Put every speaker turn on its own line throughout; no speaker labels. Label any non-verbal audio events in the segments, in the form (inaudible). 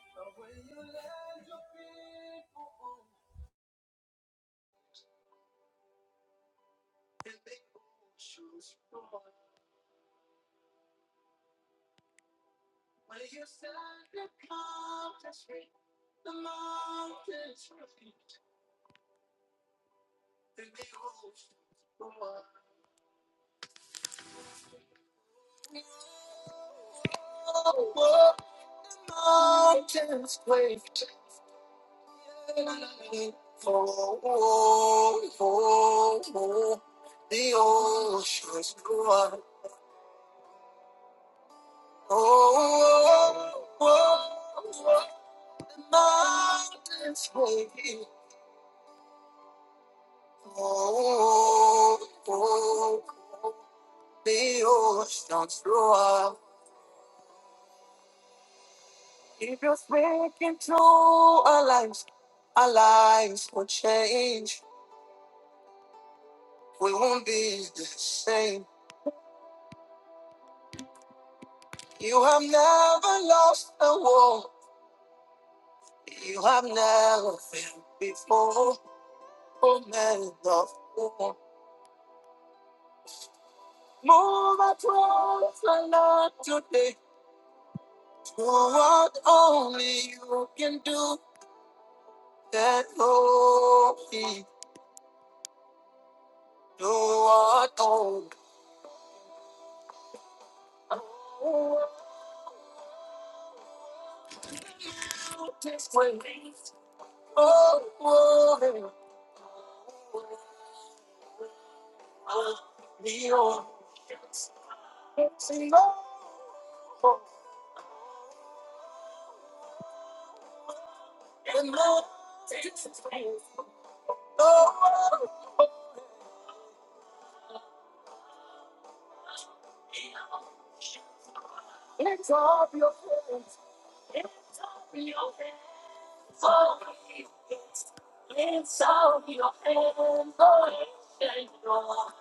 When you let your people on, and they all choose one. When you set the mountains free, the mountains will be. And they all choose one. Oh, the mountains break together. Oh, oh, oh, the oceans grow up. Oh, oh. oh. mountains will be cold. The oceans roar. If you're speaking to our lives, our lives will change. We won't be the same. You have never lost a war. You have never failed before. Oh, man of war. Move across the land today. Do what only you can do. that no be no atone. Oh, this way. Oh, oh, oh, me on. It's no, and no, it's no of your friends. Of your friends. Oh, it's it's out of your hands. Oh, it's in your-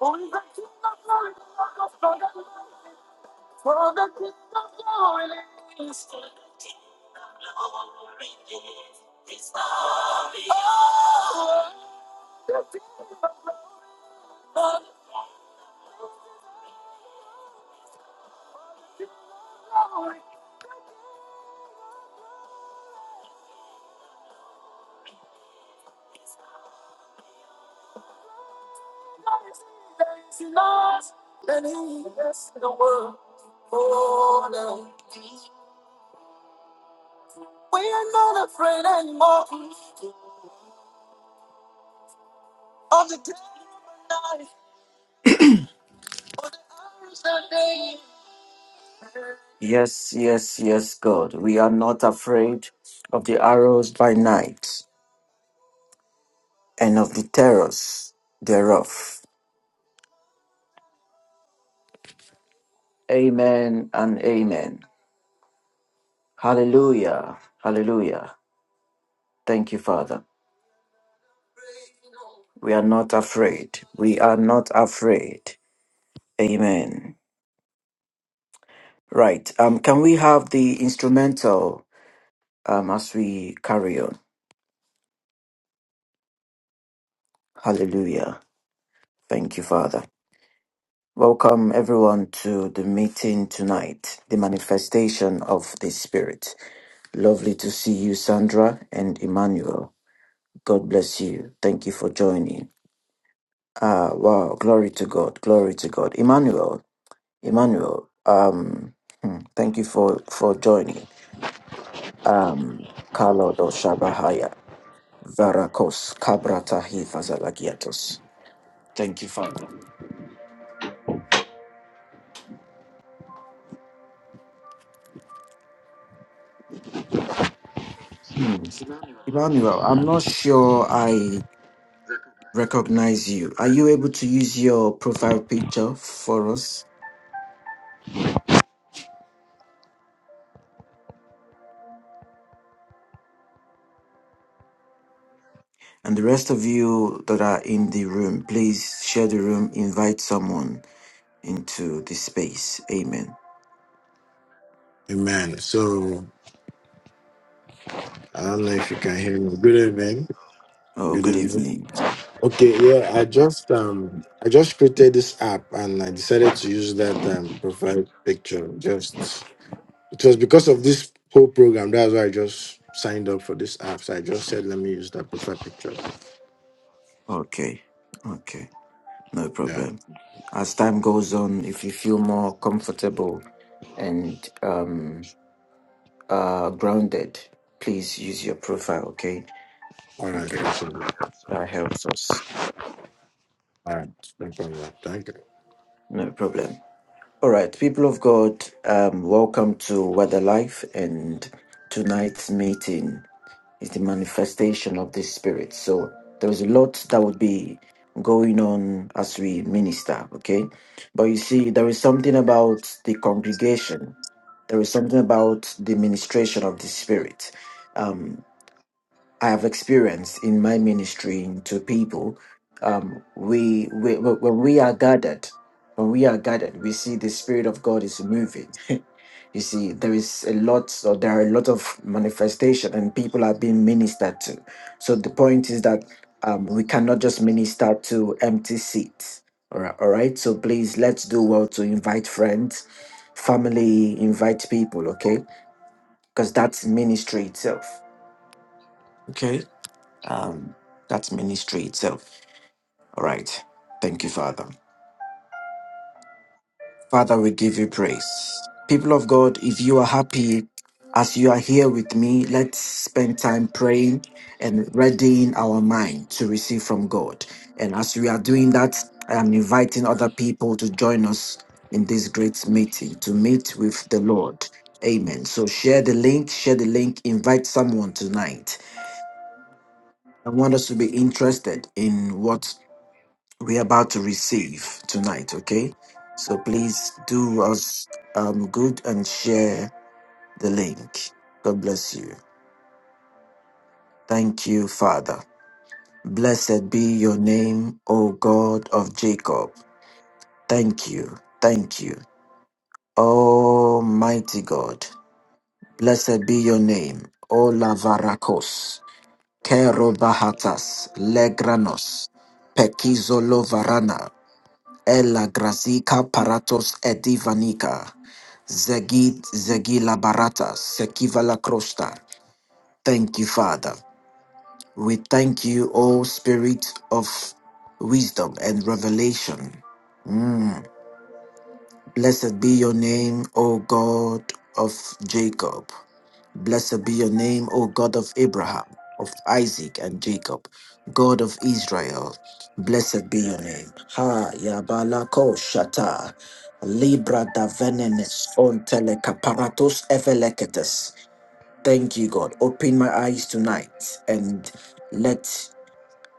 Oh, it's in your- For the King of glory is coming. Oh, the King of glory is in us, and he is in the world. Oh, no. We are not afraid anymore of the day of life, of the hours that they Yes, yes, yes, God. We are not afraid of the arrows by night. and of the terrors thereof. Amen and amen. Hallelujah. Hallelujah. Thank you, Father. We are not afraid. We are not afraid. Amen. Right. Um, can we have the instrumental um, as we carry on? Hallelujah. Thank you, Father. Welcome everyone to the meeting tonight, the manifestation of the Spirit. Lovely to see you, Sandra and Emmanuel. God bless you. Thank you for joining. Ah, wow. Glory to God. Glory to God. Emmanuel, Emmanuel, um, hmm, thank you for, for joining. Um, Kalodo Shabahaya, Varakos, Kabratahi Vazalagiatos. Thank you, Father. Hmm. Emmanuel, I'm not sure I recognize you. Are you able to use your profile picture for us? And the rest of you that are in the room, please share the room, invite someone into this space. Amen.
Amen. So I don't know if you can hear me. Good evening.
Oh,
Good
good
evening.
evening.
Okay, yeah, I just um I just created this app and I decided to use that um profile picture. Just it was because of this whole program. That's why I just signed up for this app. So I just said let me use that profile picture.
Okay. Okay. No
Yeah.
problem. As time goes on, if you feel more comfortable and um, uh grounded please use your profile okay
All right,
okay
no problem.
that helps us
All right, no problem. Thank you.
no problem all right people of god um welcome to weather life and tonight's meeting is the manifestation of the spirit so there is a lot that would be going on as we minister okay but you see there is something about the congregation there is something about the ministration of the spirit Um, I have experienced in my ministry to people, um, we, we wh- when we are gathered, when we are gathered, we see the spirit of God is moving. (laughs) you see, there is a lot, or there are a lot of manifestation, and people are being ministered to. So the point is that um, we cannot just minister to empty seats. All right, all right. So please, let's do well to invite friends, family, invite people. Okay, because that's ministry itself. Okay um, that's ministry itself. All right. Thank you, Father. Father, we give you praise. People of God, if you are happy as you are here with me, let's spend time praying and readying our mind to receive from God. And as we are doing that, I am inviting other people to join us in this great meeting to meet with the Lord. Amen. So share the link, share the link, invite someone tonight. I want us to be interested in what we're about to receive tonight, okay? So please do us um, good and share the link. God bless you. Thank you, Father. Blessed be your name, O God of Jacob. Thank you. Thank you. Almighty God. Blessed be your name, O Lavarakos, Kerobahatas, Legranos, Pekizolovarana. Ella Grazica Paratos Edivanica. Zegid Zegila Barata sekiva la Krosta. Thank you, Father. We thank you, O Spirit of wisdom and revelation. Mm. Blessed be your name, O God of Jacob. Blessed be your name, O God of Abraham, of Isaac, and Jacob, God of Israel. Blessed be your name. Ha Yabala Ko Shata. Libra da venenes on telecaparatos evelecatus. Thank you, God. Open my eyes tonight and let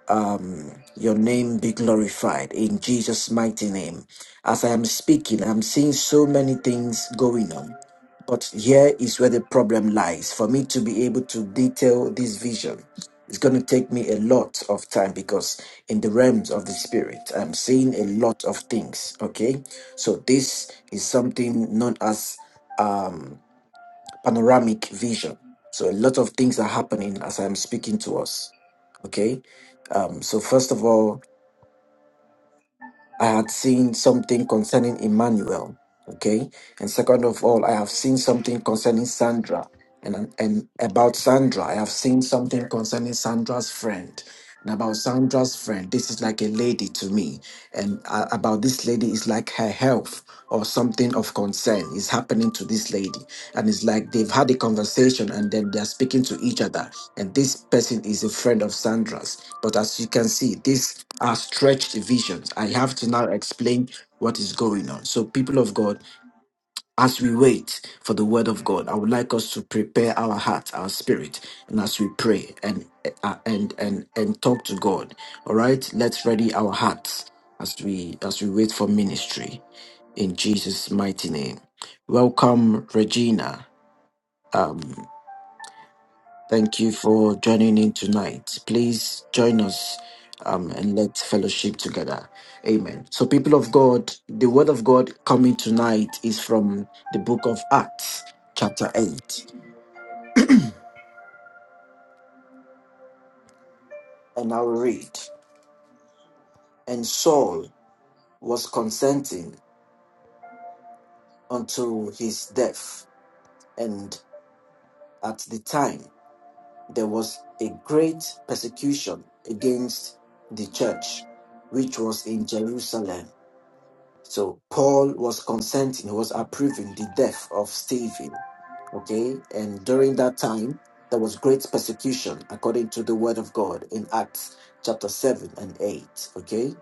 um, your name be glorified in Jesus' mighty name. As I am speaking, I'm seeing so many things going on. But here is where the problem lies. For me to be able to detail this vision, it's going to take me a lot of time because in the realms of the spirit, I'm seeing a lot of things. Okay. So this is something known as. um, panoramic vision. So a lot of things are happening as I'm speaking to us. Okay. Um, so first of all, I had seen something concerning Emmanuel. Okay. And second of all, I have seen something concerning Sandra. And, and about Sandra, I have seen something concerning Sandra's friend. And about Sandra's friend, this is like a lady to me. And uh, about this lady is like her health or something of concern is happening to this lady and it's like they've had a conversation and then they're speaking to each other and this person is a friend of sandra's but as you can see these are stretched visions i have to now explain what is going on so people of god as we wait for the word of god i would like us to prepare our heart our spirit and as we pray and uh, and and and talk to god all right let's ready our hearts as we as we wait for ministry in jesus mighty name welcome regina um, thank you for joining in tonight. Please join us um, and let's fellowship together. Amen. So, people of God, the word of God coming tonight is from the book of Acts, chapter 8. And I will read. And Saul was consenting unto his death. And at the time, there was a great persecution against the church, which was in Jerusalem So Paul was consenting, he was approving the death of Stephen. Okay. And during that time, there was great persecution according to the word of God in Acts chapter 7 and 8. Okay.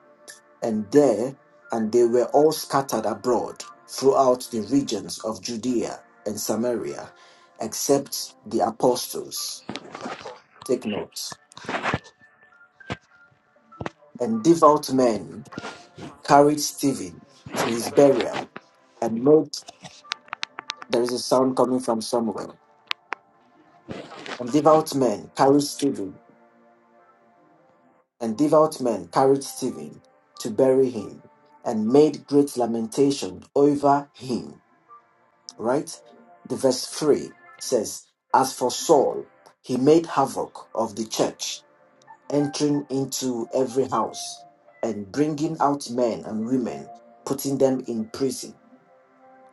And there, and they were all scattered abroad throughout the regions of Judea and Samaria, except the apostles. Take note. And devout men carried Stephen to his burial and made There is a sound coming from somewhere. And devout men carried Stephen, and devout men carried Stephen to bury him, and made great lamentation over him. Right? The verse 3 says, As for Saul, he made havoc of the church, entering into every house, and bringing out men and women, putting them in prison.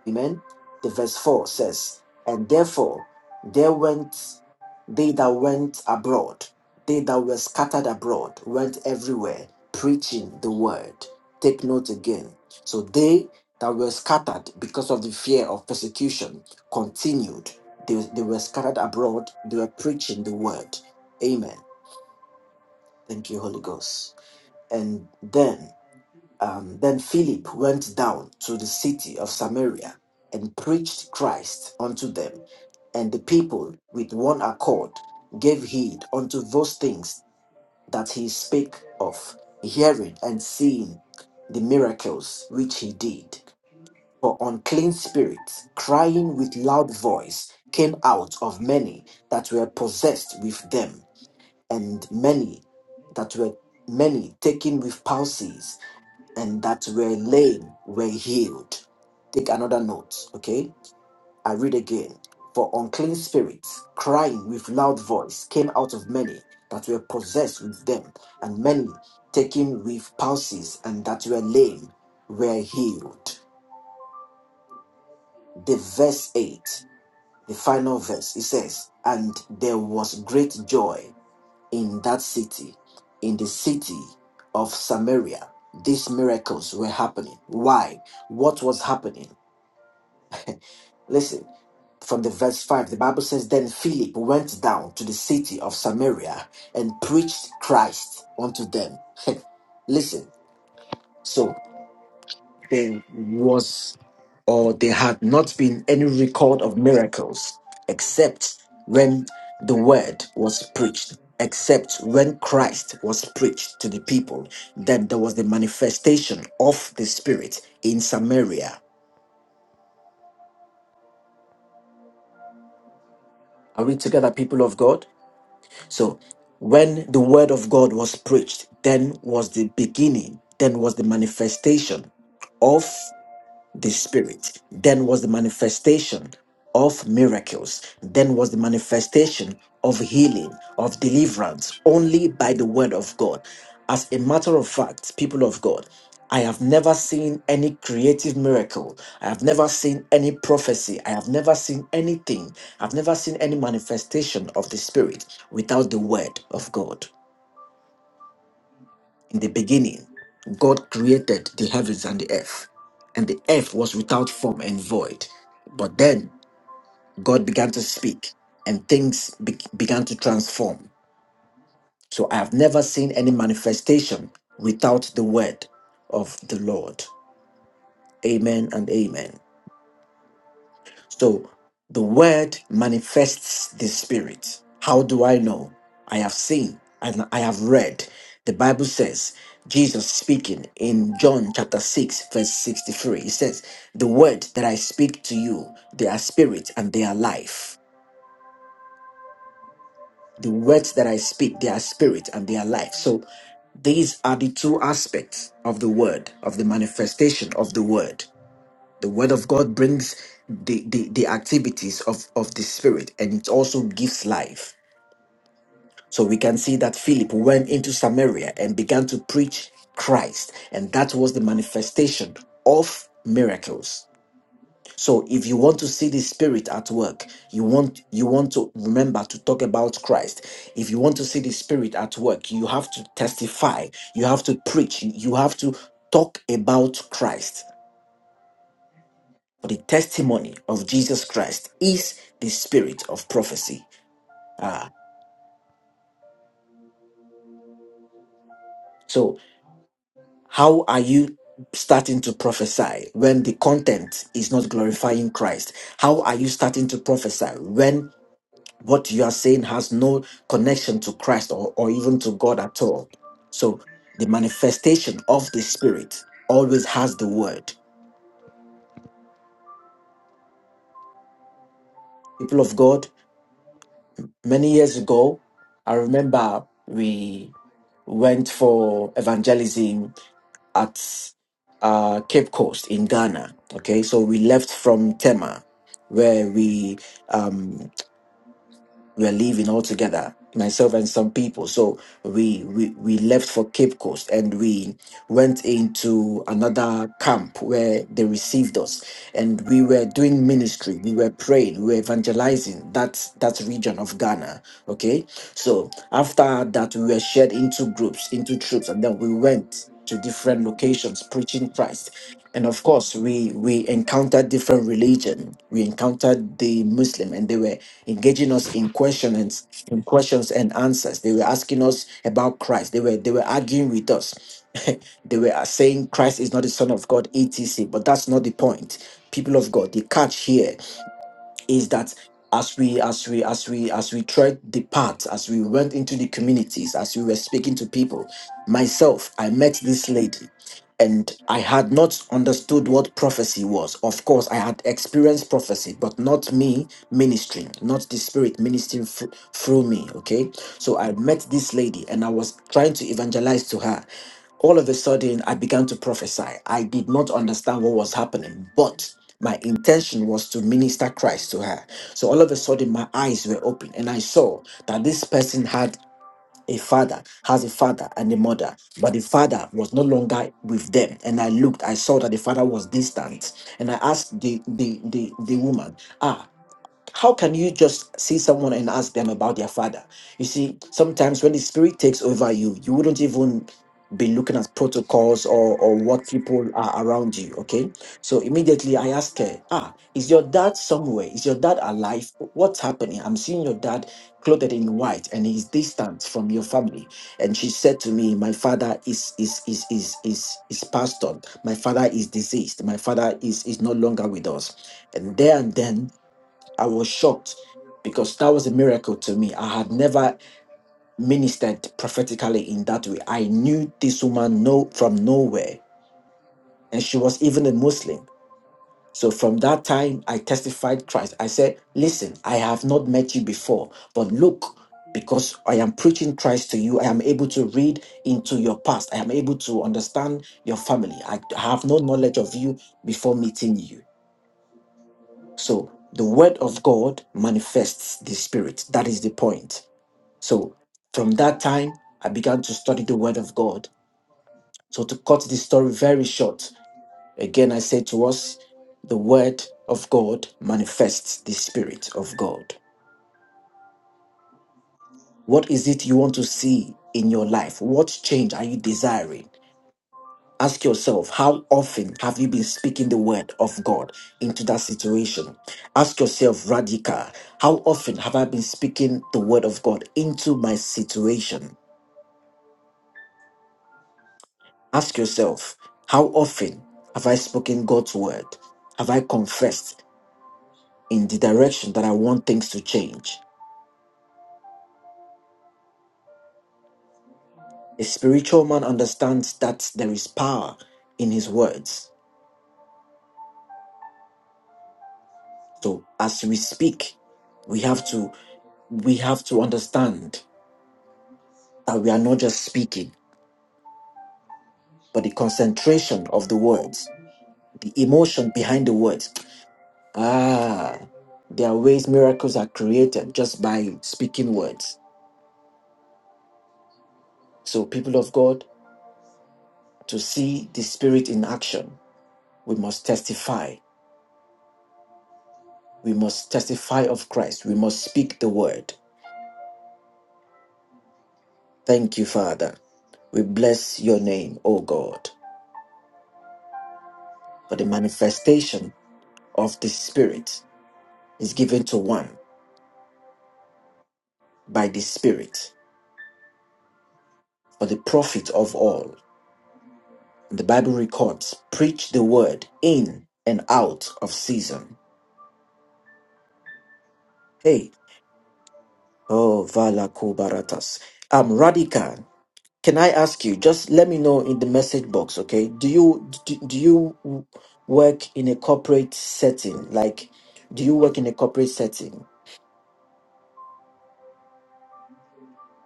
Amen. The verse 4 says, And therefore there went they that went abroad, they that were scattered abroad, went everywhere preaching the word. Take note again. So they that were scattered because of the fear of persecution continued. They, they were scattered abroad, they were preaching the word. Amen. Thank you, Holy Ghost. And then um, then Philip went down to the city of Samaria and preached Christ unto them. And the people with one accord gave heed unto those things that he spake of, hearing and seeing the miracles which he did. For unclean spirits, crying with loud voice, came out of many that were possessed with them, and many that were many taken with palsy and that were lame were healed. Take another note, okay? I read again. For unclean spirits, crying with loud voice, came out of many that were possessed with them, and many taken with palsies and that were lame were healed. The verse 8, the final verse, it says, And there was great joy in that city, in the city of Samaria, these miracles were happening. Why? What was happening? (laughs) Listen, from the verse 5, the Bible says, Then Philip went down to the city of Samaria and preached Christ unto them. Listen, So. there was or there had not been any record of miracles except when the word was preached except when christ was preached to the people then there was the manifestation of the spirit in samaria are we together people of god so when the word of god was preached then was the beginning then was the manifestation of. the spirit then was the manifestation of miracles then was the manifestation of healing of deliverance only by the word of god as a matter of fact people of god i have never seen any creative miracle i have never seen any prophecy i have never seen anything i've never seen any manifestation of the spirit without the word of god in the beginning, God created the heavens and the earth, and the earth was without form and void. But then God began to speak, and things be- began to transform. So I have never seen any manifestation without the word of the Lord. Amen and amen. So the word manifests the spirit. How do I know? I have seen and I have read. The Bible says, Jesus speaking in John chapter 6, verse 63, he says, The word that I speak to you, they are spirit and they are life. The words that I speak, they are spirit and they are life. So these are the two aspects of the word, of the manifestation of the word. The word of God brings the, the, the activities of, of the spirit and it also gives life. So we can see that Philip went into Samaria and began to preach Christ, and that was the manifestation of miracles. So if you want to see the spirit at work, you want you want to remember to talk about Christ. If you want to see the spirit at work, you have to testify, you have to preach, you have to talk about Christ. For the testimony of Jesus Christ is the spirit of prophecy. Ah, so how are you starting to prophesy when the content is not glorifying Christ? How are you starting to prophesy when what you are saying has no connection to Christ or, or even to God at all? So the manifestation of the spirit always has the word. People of God, many years ago, I remember we went for evangelism at uh, Cape Coast in Ghana. Okay, so we left from Tema, where we um we're leaving all together, myself and some people so we, we we left for cape coast and we went into another camp where they received us and we were doing ministry we were praying we were evangelizing that that region of ghana okay so after that we were shared into groups into troops and then we went to different locations preaching christ and of course we we encountered different religion we encountered the muslim and they were engaging us in questions in questions and answers. They were asking us about Christ. They were they were arguing with us. (laughs) they were saying Christ is not the Son of God, etc. But that's not the point. People of God, the catch here is that as we as we as we as we tread the path as we went into the communities as we were speaking to people myself i met this lady and i had not understood what prophecy was of course i had experienced prophecy but not me ministering not the spirit ministering fr- through me okay so i met this lady and i was trying to evangelize to her all of a sudden i began to prophesy i did not understand what was happening but my intention was to minister Christ to her. So all of a sudden, my eyes were open and I saw that this person had a father, has a father and a mother, but the father was no longer with them. And I looked, I saw that the father was distant. And I asked the the the, the woman, ah, how can you just see someone and ask them about their father? You see, sometimes when the spirit takes over you, you wouldn't even be looking at protocols or, or what people are around you. Okay. So immediately I ask her, ah, is your dad somewhere? Is your dad alive? What's happening? I'm seeing your dad clothed in white and he's distant from your family. And she said to me, My father is is is is is is passed on. My father is deceased. My father is is no longer with us. And there and then I was shocked because that was a miracle to me. I had never ministered prophetically in that way. I knew this woman no from nowhere, and she was even a Muslim. So from that time, I testified Christ. I said, "Listen, I have not met you before, but look." Because I am preaching Christ to you, I am able to read into your past. I am able to understand your family. I have no knowledge of you before meeting you. So the word of God manifests the spirit. That is the point. So from that time, I began to study the word of God. So to cut this story very short, again, I say to us, the word of God manifests the spirit of God. What is it you want to see in your life? What change are you desiring? Ask yourself, how often have you been speaking the word of God into that situation? Ask yourself, Radica, how often have I been speaking the word of God into my situation? Ask yourself, how often have I spoken God's word? Have I confessed in the direction that I want things to change? A spiritual man understands that there is power in his words. So as we speak, we have to we have to understand that we are not just speaking but the concentration of the words, the emotion behind the words. Ah, there are ways miracles are created just by speaking words. So, people of God, to see the Spirit in action, we must testify. We must testify of Christ. We must speak the word. Thank you, Father. We bless your name, O God, for the manifestation of the Spirit is given to one by the Spirit for the profit of all. The Bible records, preach the word in and out of season. Hey, oh, vala kubaratas. Um, Radhika, can I ask you, just let me know in the message box, okay? Do you, do, do you work in a corporate setting? Like, do you work in a corporate setting?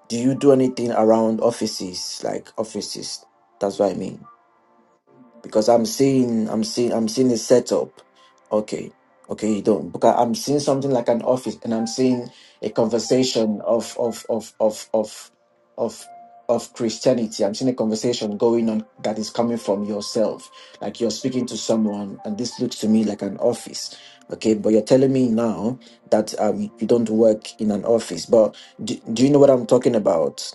Do you do anything around offices, like offices? That's what I mean. because I'm seeing, I'm seeing, I'm seeing a setup. Okay, okay, you don't. Because I'm seeing something like an office, and I'm seeing a conversation of of of of of of of Christianity. I'm seeing a conversation going on that is coming from yourself, like you're speaking to someone, and this looks to me like an office. Okay, but you're telling me now that um, you don't work in an office. But do, do you know what I'm talking about?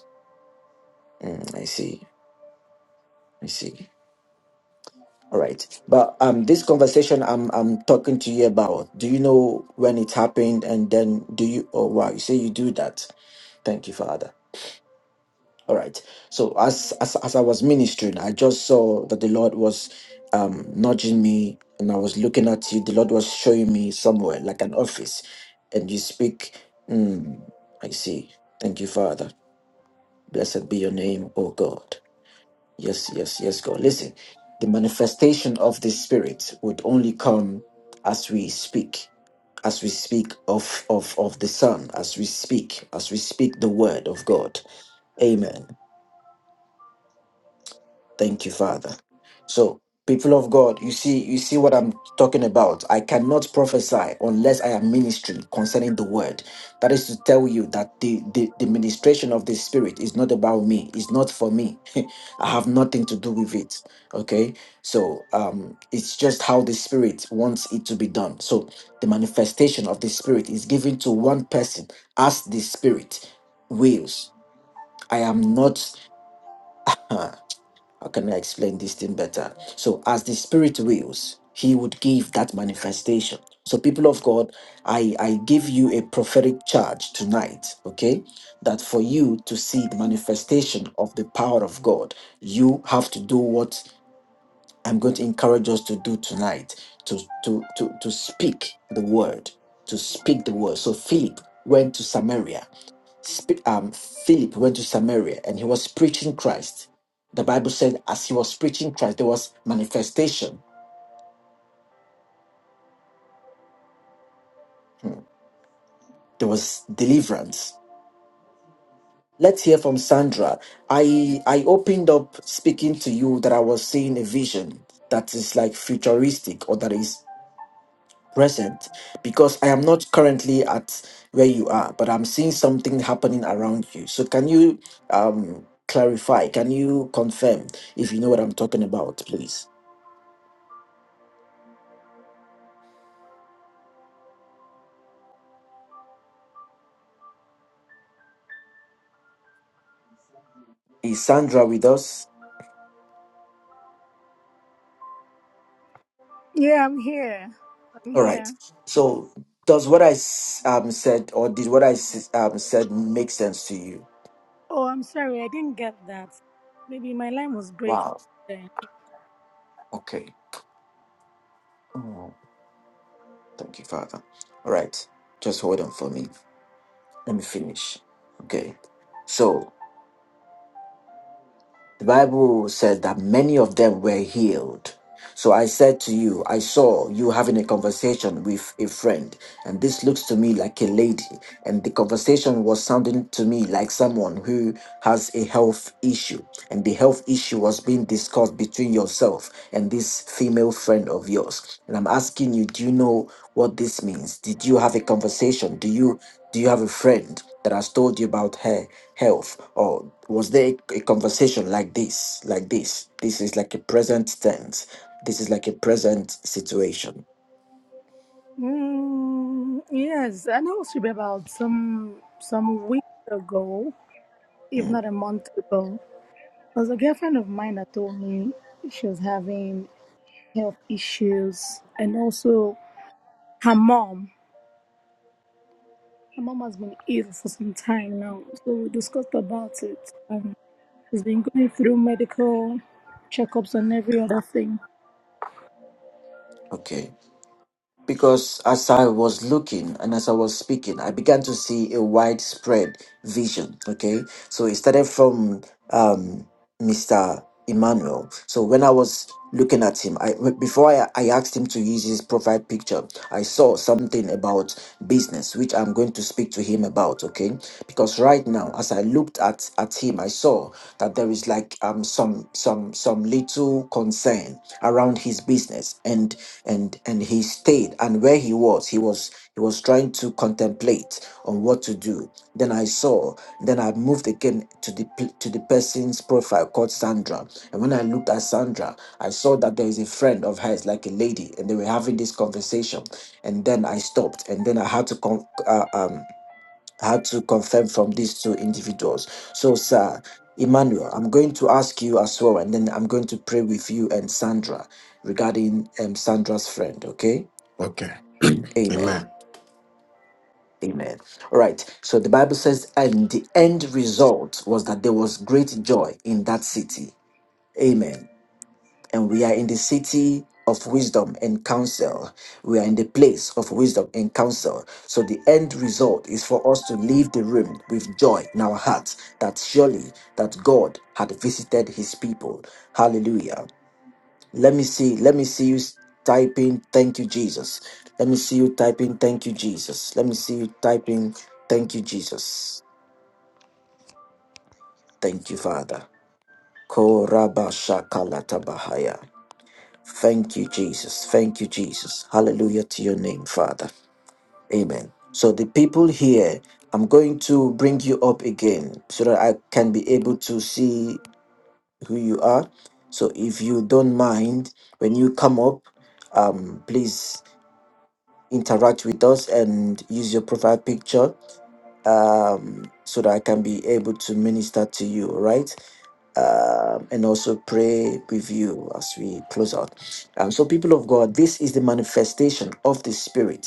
Mm, I see. I see. All right. But um this conversation I'm I'm talking to you about, do you know when it happened and then do you oh wow, you say you do that. Thank you, Father. All right. So as as as I was ministering, I just saw that the Lord was um nudging me and I was looking at you. The Lord was showing me somewhere, like an office, and you speak, mm, I see. Thank you, Father. Blessed be your name, oh God. Yes, yes, yes, God. Listen, the manifestation of the Spirit would only come as we speak, as we speak of, of, of the Son, as we speak, as we speak the Word of God. Amen. Thank you, Father. So, people of God, you see, you see what I'm talking about. I cannot prophesy unless I am ministering concerning the word. That is to tell you that the, the, the ministration of the spirit is not about me, it's not for me. (laughs) I have nothing to do with it. Okay. So um it's just how the spirit wants it to be done. So the manifestation of the spirit is given to one person as the spirit wills. I am not. (laughs) How can I explain this thing better? So, as the Spirit wills, He would give that manifestation. So, people of God, I, I give you a prophetic charge tonight, okay? That for you to see the manifestation of the power of God, you have to do what I'm going to encourage us to do tonight to, to, to, to speak the word, to speak the word. So, Philip went to Samaria Sp- um, Philip went to Samaria and he was preaching Christ. The Bible said, as he was preaching Christ, there was manifestation, Hmm. there was deliverance. Let's hear from Sandra. I I opened up speaking to you that I was seeing a vision that is like futuristic or that is present because I am not currently at where you are, but I'm seeing something happening around you. So can you um clarify? Can you confirm if you know what I'm talking about, please? Is Sandra with us?
Yeah, I'm here. I'm
All right.
here.
So, does what I s- um, said or did what I s- um, said make sense to you?
Oh, I'm sorry, I didn't get that. Maybe my line was breaking.
Wow.
there.
Okay. Oh, thank you, Father. All right. Just hold on for me. Let me finish. Okay. So, The Bible says that many of them were healed. So I said to you, I saw you having a conversation with a friend, and this looks to me like a lady. And the conversation was sounding to me like someone who has a health issue. And the health issue was being discussed between yourself and this female friend of yours. And I'm asking you, do you know what this means? Did you have a conversation? Do you do you have a friend that has told you about her? health or was there a conversation like this like this this is like a present tense this is like a present situation
Mm, yes, I know it should be about some some weeks ago, if
Mm.
not a month ago. There was a girlfriend of mine that told me she was having health issues, and also her mom. Her mom has been ill for some time now, so we discussed about it. and she's been going through medical checkups and every other thing.
okay Because as I was looking and as I was speaking, I began to see a widespread vision. Okay. So it started from um, Mr. Emmanuel. So when I was looking at him, I before I, I asked him to use his profile picture, I saw something about business, which I'm going to speak to him about. Okay. Because right now, as I looked at, at him, I saw that there is like um some some some some little concern around his business and and and he stayed and where he was he was he was trying to contemplate on what to do then i saw then i moved again to the p- to the person's profile called sandra and when i looked at sandra i saw that there is a friend of hers like a lady and they were having this conversation and then i stopped and then i had to come I had to confirm from these two individuals. So, sir, Emmanuel, I'm going to ask you as well, and then I'm going to pray with you and Sandra regarding um, Sandra's friend, okay?
Okay.
Amen.
Amen.
Amen. All right. So the Bible says, and the end result was that there was great joy in that city. Amen. and we are in the city of wisdom and counsel. We are in the place of wisdom and counsel. So the end result is for us to leave the room with joy in our hearts that surely that God had visited his people. Hallelujah. Let me see, let me see you typing thank you Jesus. Let me see you typing thank you Jesus. Let me see you typing thank you Jesus. Thank you Father. Korabashakalatabahaya. Thank you, Jesus. Thank you, Jesus. Hallelujah to your name, Father. Amen. So, the people here, I'm going to bring you up again so that I can be able to see who you are. So, if you don't mind, when you come up, um, please interact with us and use your profile picture um, so that I can be able to minister to you, all right? Um, and also pray with you as we close out. Um, so, people of God, this is the manifestation of the Spirit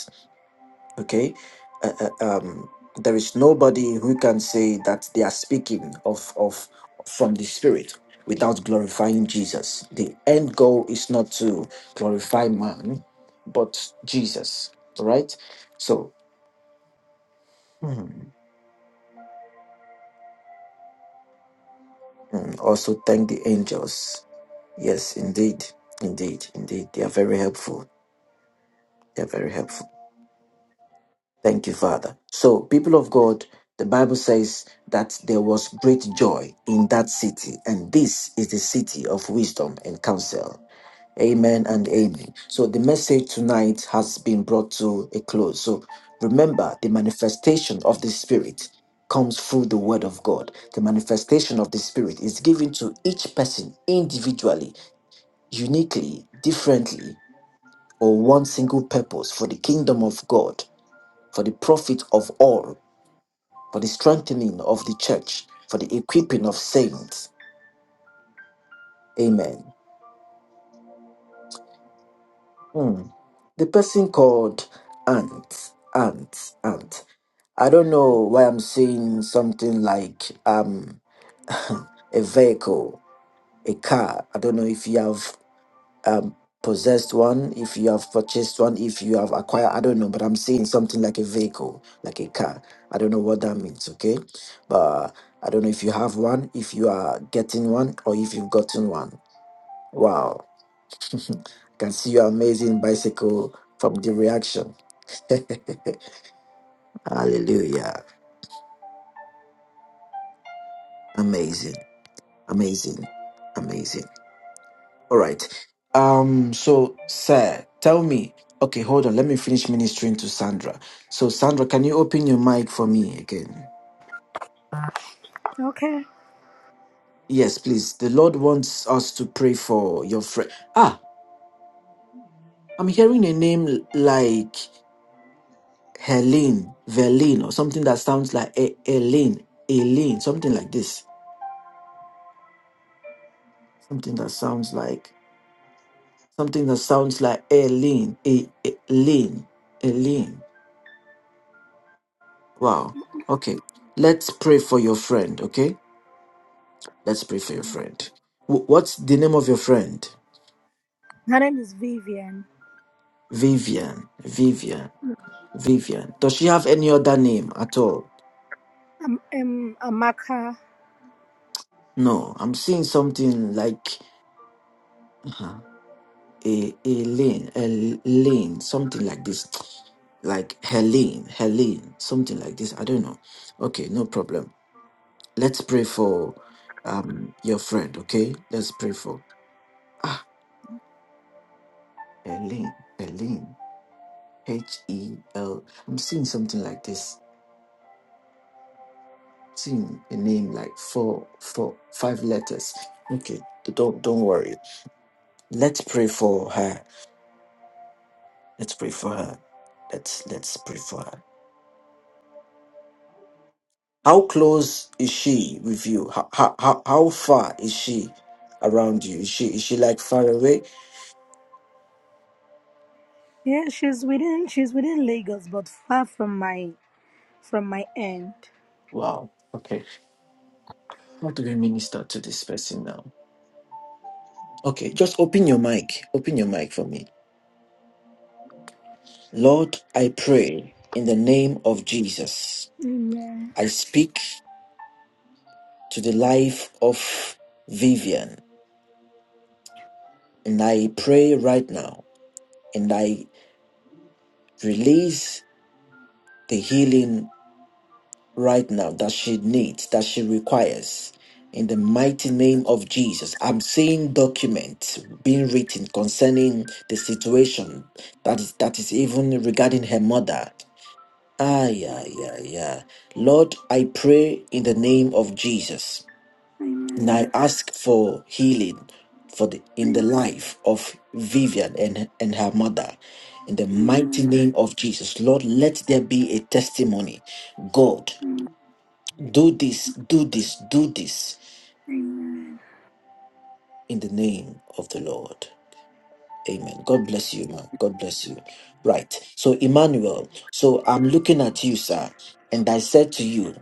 okay uh, uh, um there is nobody who can say that they are speaking of of from the spirit without glorifying jesus the end goal is not to glorify man but jesus all right so hmm, mm, also thank the angels yes indeed indeed indeed they are very helpful they are very helpful Thank you, Father. So, people of God, the Bible says that there was great joy in that city, and this is the city of wisdom and counsel. Amen and amen. So, the message tonight has been brought to a close. So, remember the manifestation of the Spirit comes through the word of God. The manifestation of the Spirit is given to each person individually, uniquely, differently, or one single purpose for the kingdom of God, for the profit of all for the strengthening of the church, for the equipping of saints. Amen. Hmm. The person called Aunt, Aunt, Aunt. I don't know why I'm saying something like um (laughs) a vehicle, a car. I don't know if you have um possessed one, if you have purchased one, if you have acquired. I don't know, but I'm saying something like a vehicle, like a car. I don't know what that means. Okay, but I don't know if you have one, if you are getting one, or if you've gotten one. Wow. (laughs) I can see your amazing bicycle from the reaction. (laughs) Hallelujah. Amazing. Amazing. Amazing. All right. Um, so sir, tell me. Okay, hold on. Let me finish ministering to Sandra. So Sandra, can you open your mic for me again?
Okay.
Yes, please. The Lord wants us to pray for your friend. Ah, I'm hearing a name l- like Helene, Verlene, or something that sounds like E- Elaine, Elaine, something like this. something that sounds like something that sounds like Eileen, E- E, Eileen, Eileen. Wow. Okay. Let's pray for your friend. Okay. Let's pray for your friend. Wh- What's the name of your friend?
Her name is Vivian
Vivian. Vivian. Vivian. Does she have any other name at all?
um, um, Amaka.
No. I'm seeing something like uh-huh, a Eileen, Eileen, something like this, like Helene, Helene, something like this. I don't know. Okay, no problem. Let's pray for um your friend, okay? Let's pray for ah Eileen, Eileen, H E L. I'm seeing something like this. Seeing a name like four, four, five letters. Okay, don't don't worry. Let's pray for her. Let's pray for her. Let's let's pray for her. How close is she with you? How how how, how far is she around you? Is she is she like far away?
Yeah, she's within she's within Lagos, but far from my from my end.
Wow. Okay. How do we minister to this person now? Okay, just open your mic. Open your mic for me. Lord, I pray in the name of Jesus.
Amen.
I speak to the life of Vivian and I pray right now and I release the healing right now that she needs, that she requires. In the mighty name of Jesus, I'm seeing documents being written concerning the situation that is that is even regarding her mother. Ah, yeah, yeah, yeah. Lord, I pray in the name of Jesus, and I ask for healing for the in the life of Vivian and, and her mother. In the mighty name of Jesus, Lord, let there be a testimony. God, do this, do this, do this in the name of the Lord. Amen. God bless you, man. God bless you. Right. So, Emmanuel, so I'm looking at you, sir, and I said to you,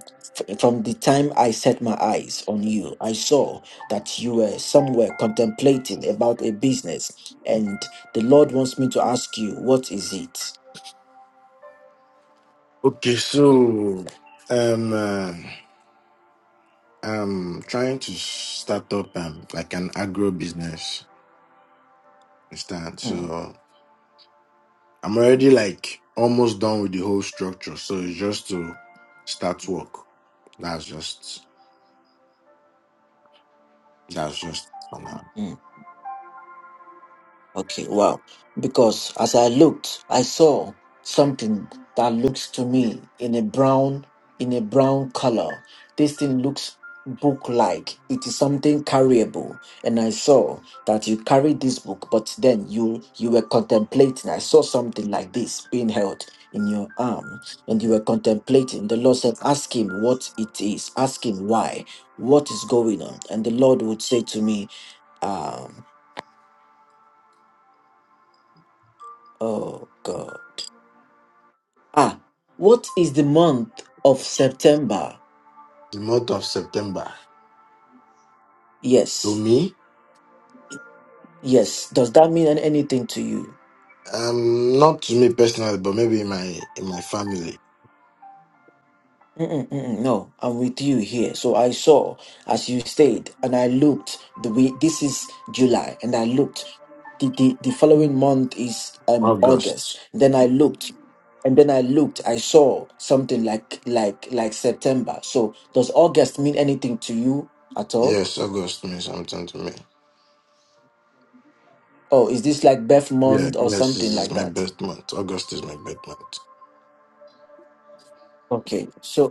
f- from the time I set my eyes on you, I saw that you were somewhere contemplating about a business, and the Lord wants me to ask you, what is it?
Okay, so um uh, I'm trying to start up um like an agro business Understand?
Hmm,
So I'm already like almost done with the whole structure. So it's just to start work. That's just that's just for now.
hmm. Okay, wow. Because as I looked, I saw something that looks to me in a brown in a brown color. This thing looks book like. It is something carryable. And I saw that you carried this book, but then you you were contemplating. I saw something like this being held in your arm and you were contemplating. The Lord said, Ask him what it is, ask him why, what is going on. And the Lord would say to me, um, oh God. Ah, what is the month of September?
The month of September to
Yes,
me,
yes. Does that mean an- anything to you?
um, not to me personally, but maybe in my in my family.
Mm-mm, mm-mm, no, I'm with you here. So I saw as you stayed, and I looked. The way this is July, and I looked. The, the, the following month is um August.
August.
Then I looked, and then I looked. I saw something like like like September. So does August mean anything to you at all?
Yes, August means something to me.
Oh, is this like birth
Yeah,
month or
yes, this
something
is
like
my
that?
best month. August is my best month.
Okay, so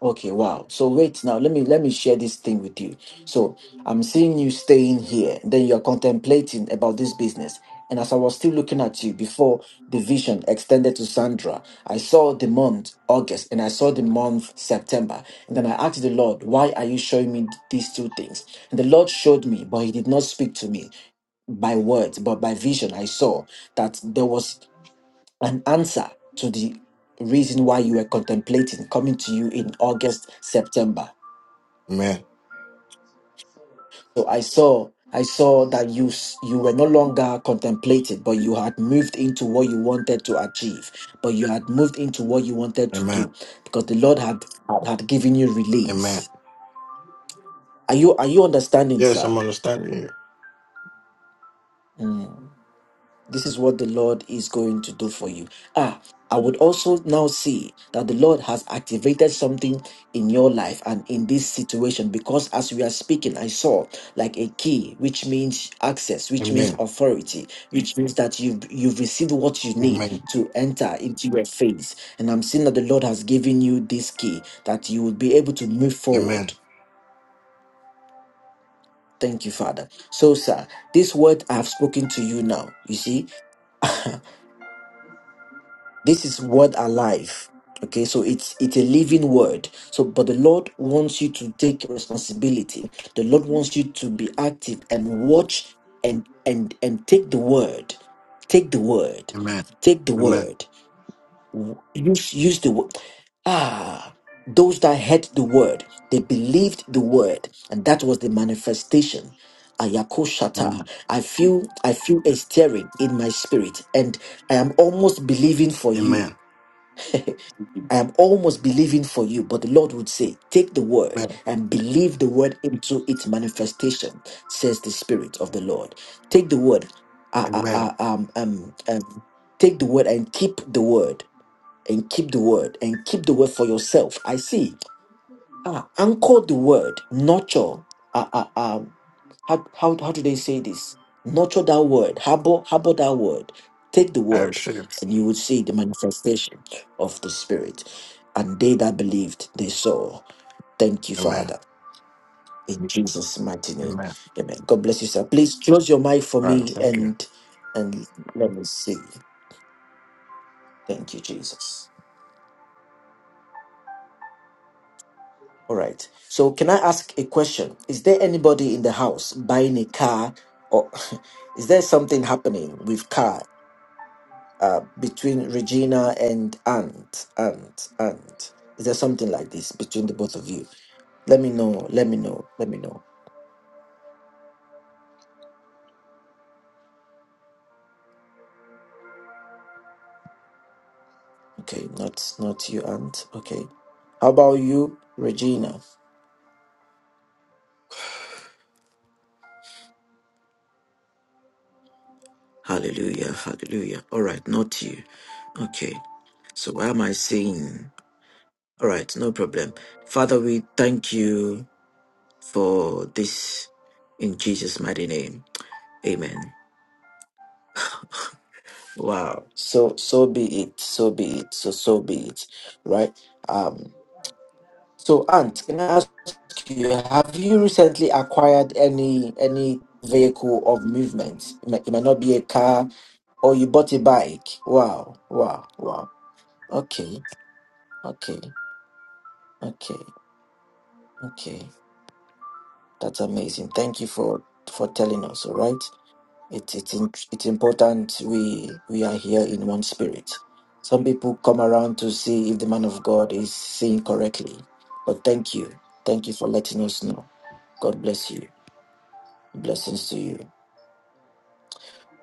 Okay, wow. So wait now, let me let me share this thing with you. So I'm seeing you staying here, then you're contemplating about this business. And as I was still looking at you before the vision extended to Sandra, I saw the month August and I saw the month September. And then I asked the Lord, why are you showing me these two things? And the Lord showed me, but he did not speak to me by words, but by vision, I saw that there was an answer to the reason why you were contemplating coming to you in August, September.
Amen.
So I saw I saw that you s- you were no longer contemplated, but you had moved into what you wanted to achieve, but you had moved into what you wanted to do
Amen.
because the Lord had had given you
Amen.
release. Are you are you understanding,
Yes,
sir?
I'm understanding you.
Mm. this is what the Lord is going to do for you. Ah, I would also now see that the Lord has activated something in your life and in this situation because as we are speaking, I saw like a key, which means access, which means
Amen.
authority, which means that you've you've received what you need
Amen.
to enter into your phase. And I'm seeing that the Lord has given you this key that you will be able to move forward.
Amen.
Thank you, Father. So, sir, this word I've spoken to you now, you see. (laughs) this is word alive okay so it's it's a living word so but the lord wants you to take responsibility the lord wants you to be active and watch and and and take the word take the word
Amen.
take the word W- use use the word ah those that heard the word they believed the word and that was the manifestation Ayako
Amen.
Shata. I feel I feel a stirring in my spirit and I am almost believing for you
Amen.
I am almost believing for you, but the Lord would say, Take the word
Amen.
and believe the word into its manifestation, says the Spirit of the Lord. Take the word, uh, uh,
Amen.
uh, um, um, um, take the word and keep the word, and keep the word, and keep the word for yourself. I see Ah, anchor the word, nurture. Uh, uh, um, how, how, how do they say this? Nurture that word, harbor, harbor that word, take the
I
word,
receive.
and you would see the manifestation of the Spirit. And they that believed, they saw. Thank you,
Amen.
Father. In Jesus' mighty name.
Amen.
Amen. God bless you, sir. Please close your mic for
All right.
me
Thank you.
and and let me see. Thank you, Jesus. All right. So can I ask a question? Is there anybody in the house buying a car or (laughs) is there something happening with car uh, between Regina and Aunt, Aunt, Aunt? Is there something like this between the both of you? Let me know. Let me know. Let me know. Okay, not not you, Aunt. Okay. How about you, Regina? Hallelujah. Hallelujah. All right, not you. Okay. So why am I saying? All right, no problem. Father, we thank you. for this in Jesus' mighty name. Amen. Wow. So so be it. So be it. So so be it. Right? Um so Aunt, can I ask you, have you recently acquired any any vehicle of movement? It might, it might not be a car or you bought a bike. Wow, wow, wow. Okay, okay, okay, okay. That's amazing. Thank you for for telling us, all right? It, it, it's important we we are here in one spirit. Some people come around to see if the man of God is seeing correctly. But thank you. Thank you for letting us know. God bless you. Blessings to you.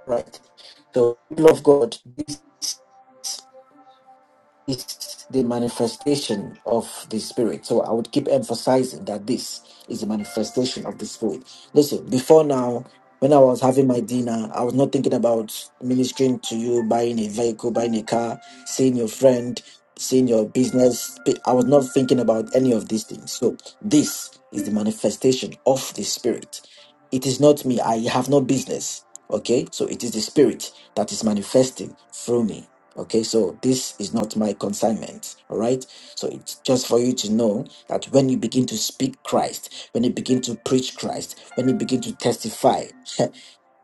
Right. So, people of God, is the manifestation of the spirit. So I would keep emphasizing that this is the manifestation of the spirit. Listen, before now, when I was having my dinner, I was not thinking about ministering to you, buying a vehicle, buying a car, seeing your friend, seeing your business. I was not thinking about any of these things. So this is the manifestation of the spirit. It is not me. I have no business. Okay, so it is the spirit that is manifesting through me. Okay, so this is not my consignment. All right. So it's just for you to know that when you begin to speak Christ, when you begin to preach Christ, when you begin to testify,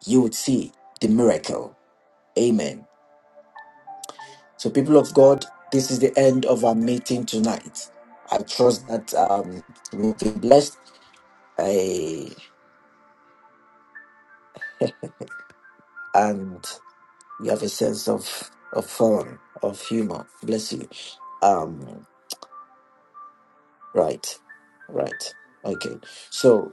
you would see the miracle. Amen. So, people of God, this is the end of our meeting tonight. I trust that um, we've been blessed eh, and you have a sense of, of fun, of humor. Bless you. Um, right. Right. Okay. So,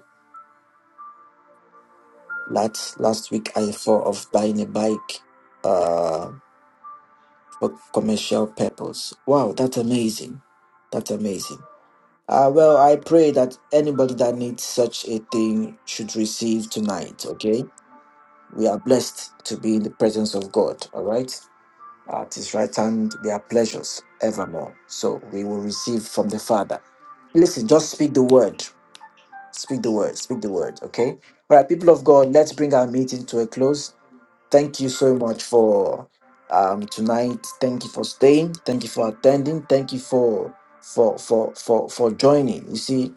Last last week I thought of buying a bike uh for commercial purpose. Wow, that's amazing. That's amazing. Uh well I pray that anybody that needs such a thing should receive tonight, okay? We are blessed to be in the presence of God, all right? At his right hand there are pleasures evermore. So we will receive from the Father. Listen, just speak the word. Speak the word, speak the word, okay? All right, people of God, let's bring our meeting to a close. Thank you so much for um tonight. Thank you for staying. Thank you for attending. Thank you for for for for for joining. You see,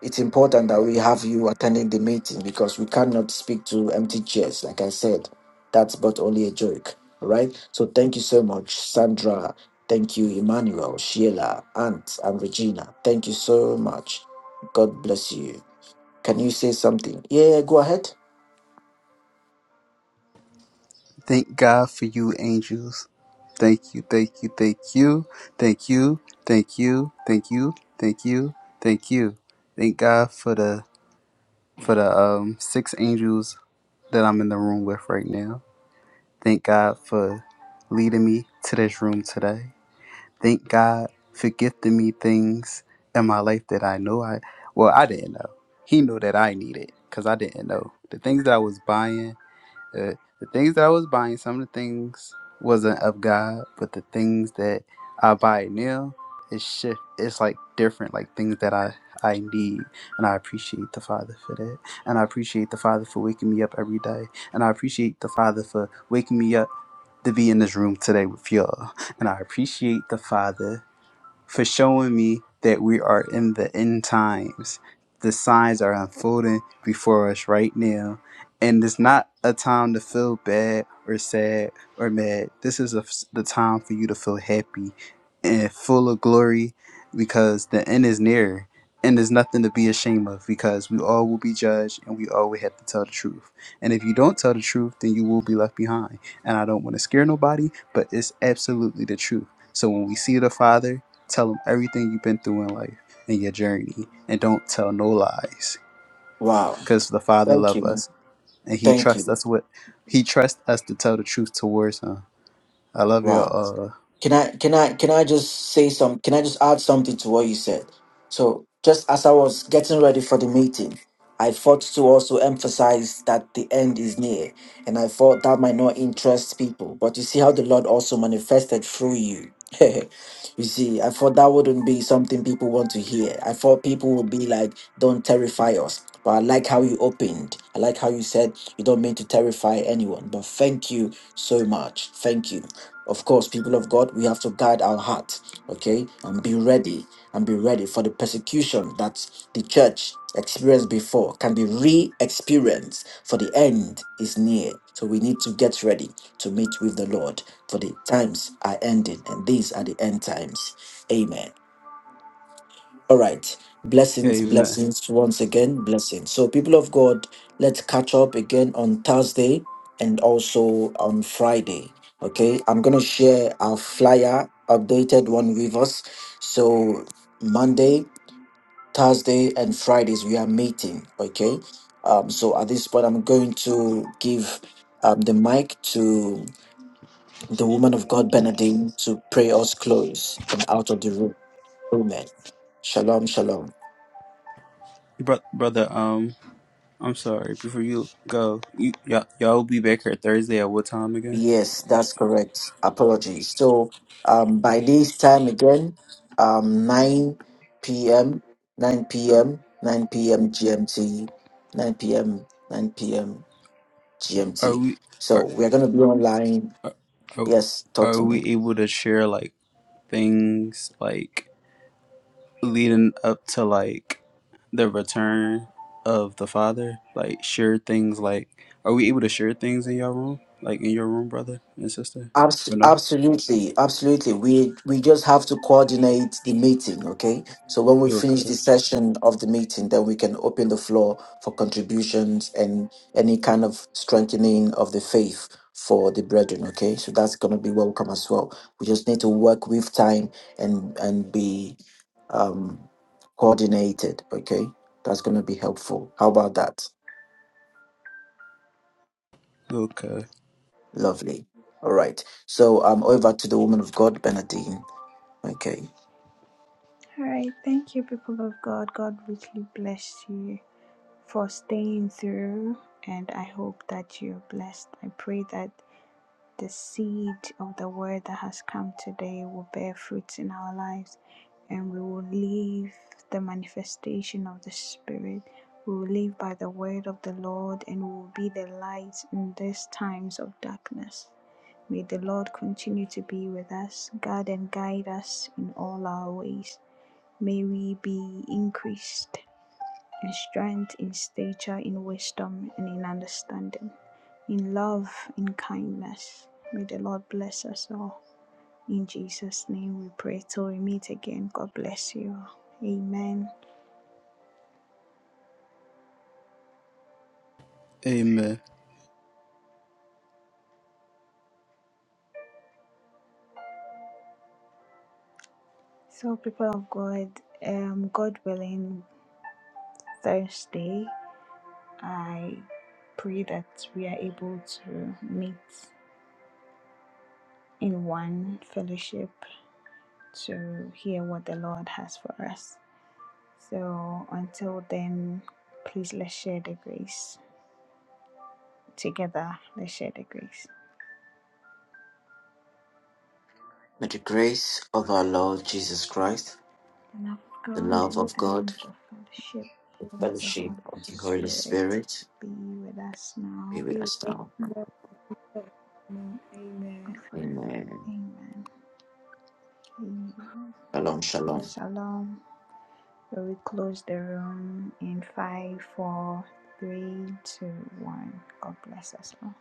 it's important that we have you attending the meeting because we cannot speak to empty chairs. Like I said, that's but only a joke. All right. So thank you so much, Sandra. Thank you, Emmanuel, Sheila, Aunt, and Regina. Thank you so much. God bless you. Can you say something? Yeah, go ahead.
Thank God for you, angels. Thank you, thank you, thank you, thank you, thank you, thank you, thank you, thank you. Thank God for the for the um six angels that I'm in the room with right now. Thank God for leading me to this room today. Thank God for gifting me things in my life that I know I well I didn't know. He knew that I needed because I didn't know the things that I was buying uh, the things that I was buying, some of the things wasn't of God, but the things that I buy now, it's shift. It's like different, like things that I I need, and I appreciate the Father for that, and I appreciate the Father for waking me up every day, and I appreciate the Father for waking me up to be in this room today with y'all, and I appreciate the Father for showing me that we are in the end times. The signs are unfolding before us right now. And it's not a time to feel bad or sad or mad. This is a, the time for you to feel happy and full of glory because the end is near. And there's nothing to be ashamed of because we all will be judged and we all will have to tell the truth. And if you don't tell the truth, then you will be left behind. And I don't want to scare nobody, but it's absolutely the truth. So when we see the Father, Tell them everything you've been through in life and your journey, and don't tell no lies,
Wow.
because the Father
Thank
loves
you.
us and He
Thank
trusts
you.
us with He trusts us to tell the truth towards Him. I love you.
Wow.
all.
Can I can I can I just say some can I just add something to what you said? So just as I was getting ready for the meeting, I thought to also emphasize that the end is near. And I thought that might not interest people. But you see how the Lord also manifested through you. (laughs) you see, I thought that wouldn't be something people want to hear. I thought people would be like, don't terrify us. But I like how you opened. I like how you said you don't mean to terrify anyone. But thank you so much. Thank you. Of course, people of God, we have to guide our heart, okay, and be ready and be ready for the persecution that the church experienced before can be re experienced, for the end is near. So we need to get ready to meet with the Lord, for the times are ending, and these are the end times. Amen. All right. Blessings,
Amen,
blessings once again, blessings. So, people of God, let's catch up again on Thursday and also on Friday. Okay. I'm going to share our flyer, updated one with us. So, Monday, Thursday, and Fridays, we are meeting. Okay. Um, so, at this point, I'm going to give um, the mic to the woman of God, Benedict, to pray us close and out of the room. Amen. Shalom, shalom.
Bro- brother. Um, I'm sorry. Before you go, you y'all, y'all will be back here Thursday at what time again?
Yes, that's correct. Apologies. So um, by this time again, um, 9 p.m., 9 p.m., 9 p.m. GMT, 9 p.m., 9 p.m.
Are
GMT.
we
So
are
we are going to be online.
are,
Yes, talk
are
to me.
we able to share like things like leading up to like the return of the Father? Like share things like are we able to share things in your room? Like in your room, brother and sister?
Abs-
We're not?
absolutely, absolutely. We we just have to coordinate the meeting, okay? So when we finish the
Okay.
session of the meeting, then we can open the floor for contributions and any kind of strengthening of the faith for the brethren, okay? So that's gonna be welcome as well. We just need to work with time and and be um coordinated, okay? That's gonna be helpful. How about that?
Okay.
Lovely. All right. So um over to the woman of God, Benadine. Okay.
All right. Thank you, people of God. God richly bless you for staying through. And I hope that you're blessed. I pray that the seed of the word that has come today will bear fruits in our lives and we will live the manifestation of the Spirit. We will live by the word of the Lord and we will be the light in these times of darkness. May the Lord continue to be with us, guard and guide us in all our ways. May we be increased in strength, in stature, in wisdom, and in understanding, in love, in kindness. May the Lord bless us all. In Jesus' name we pray till we meet again. God bless you. Amen.
Amen.
So, people of God, um, God willing, Thursday, I pray that we are able to meet in one fellowship to hear what the Lord has for us. So until then, please let's share the grace. Together, let's share the grace.
May the grace of our Lord Jesus Christ,
The love of
the
God
love
Amen.
of God,
and the fellowship
the
of the Holy
fellowship of the Holy
Spirit
Spirit
be with us
be
now
with us now.
Amen.
and forever.
Amen.
Amen. Amen.
Shalom, shalom.
Shalom. So we close the room in five, four, three, two, one. God bless us all.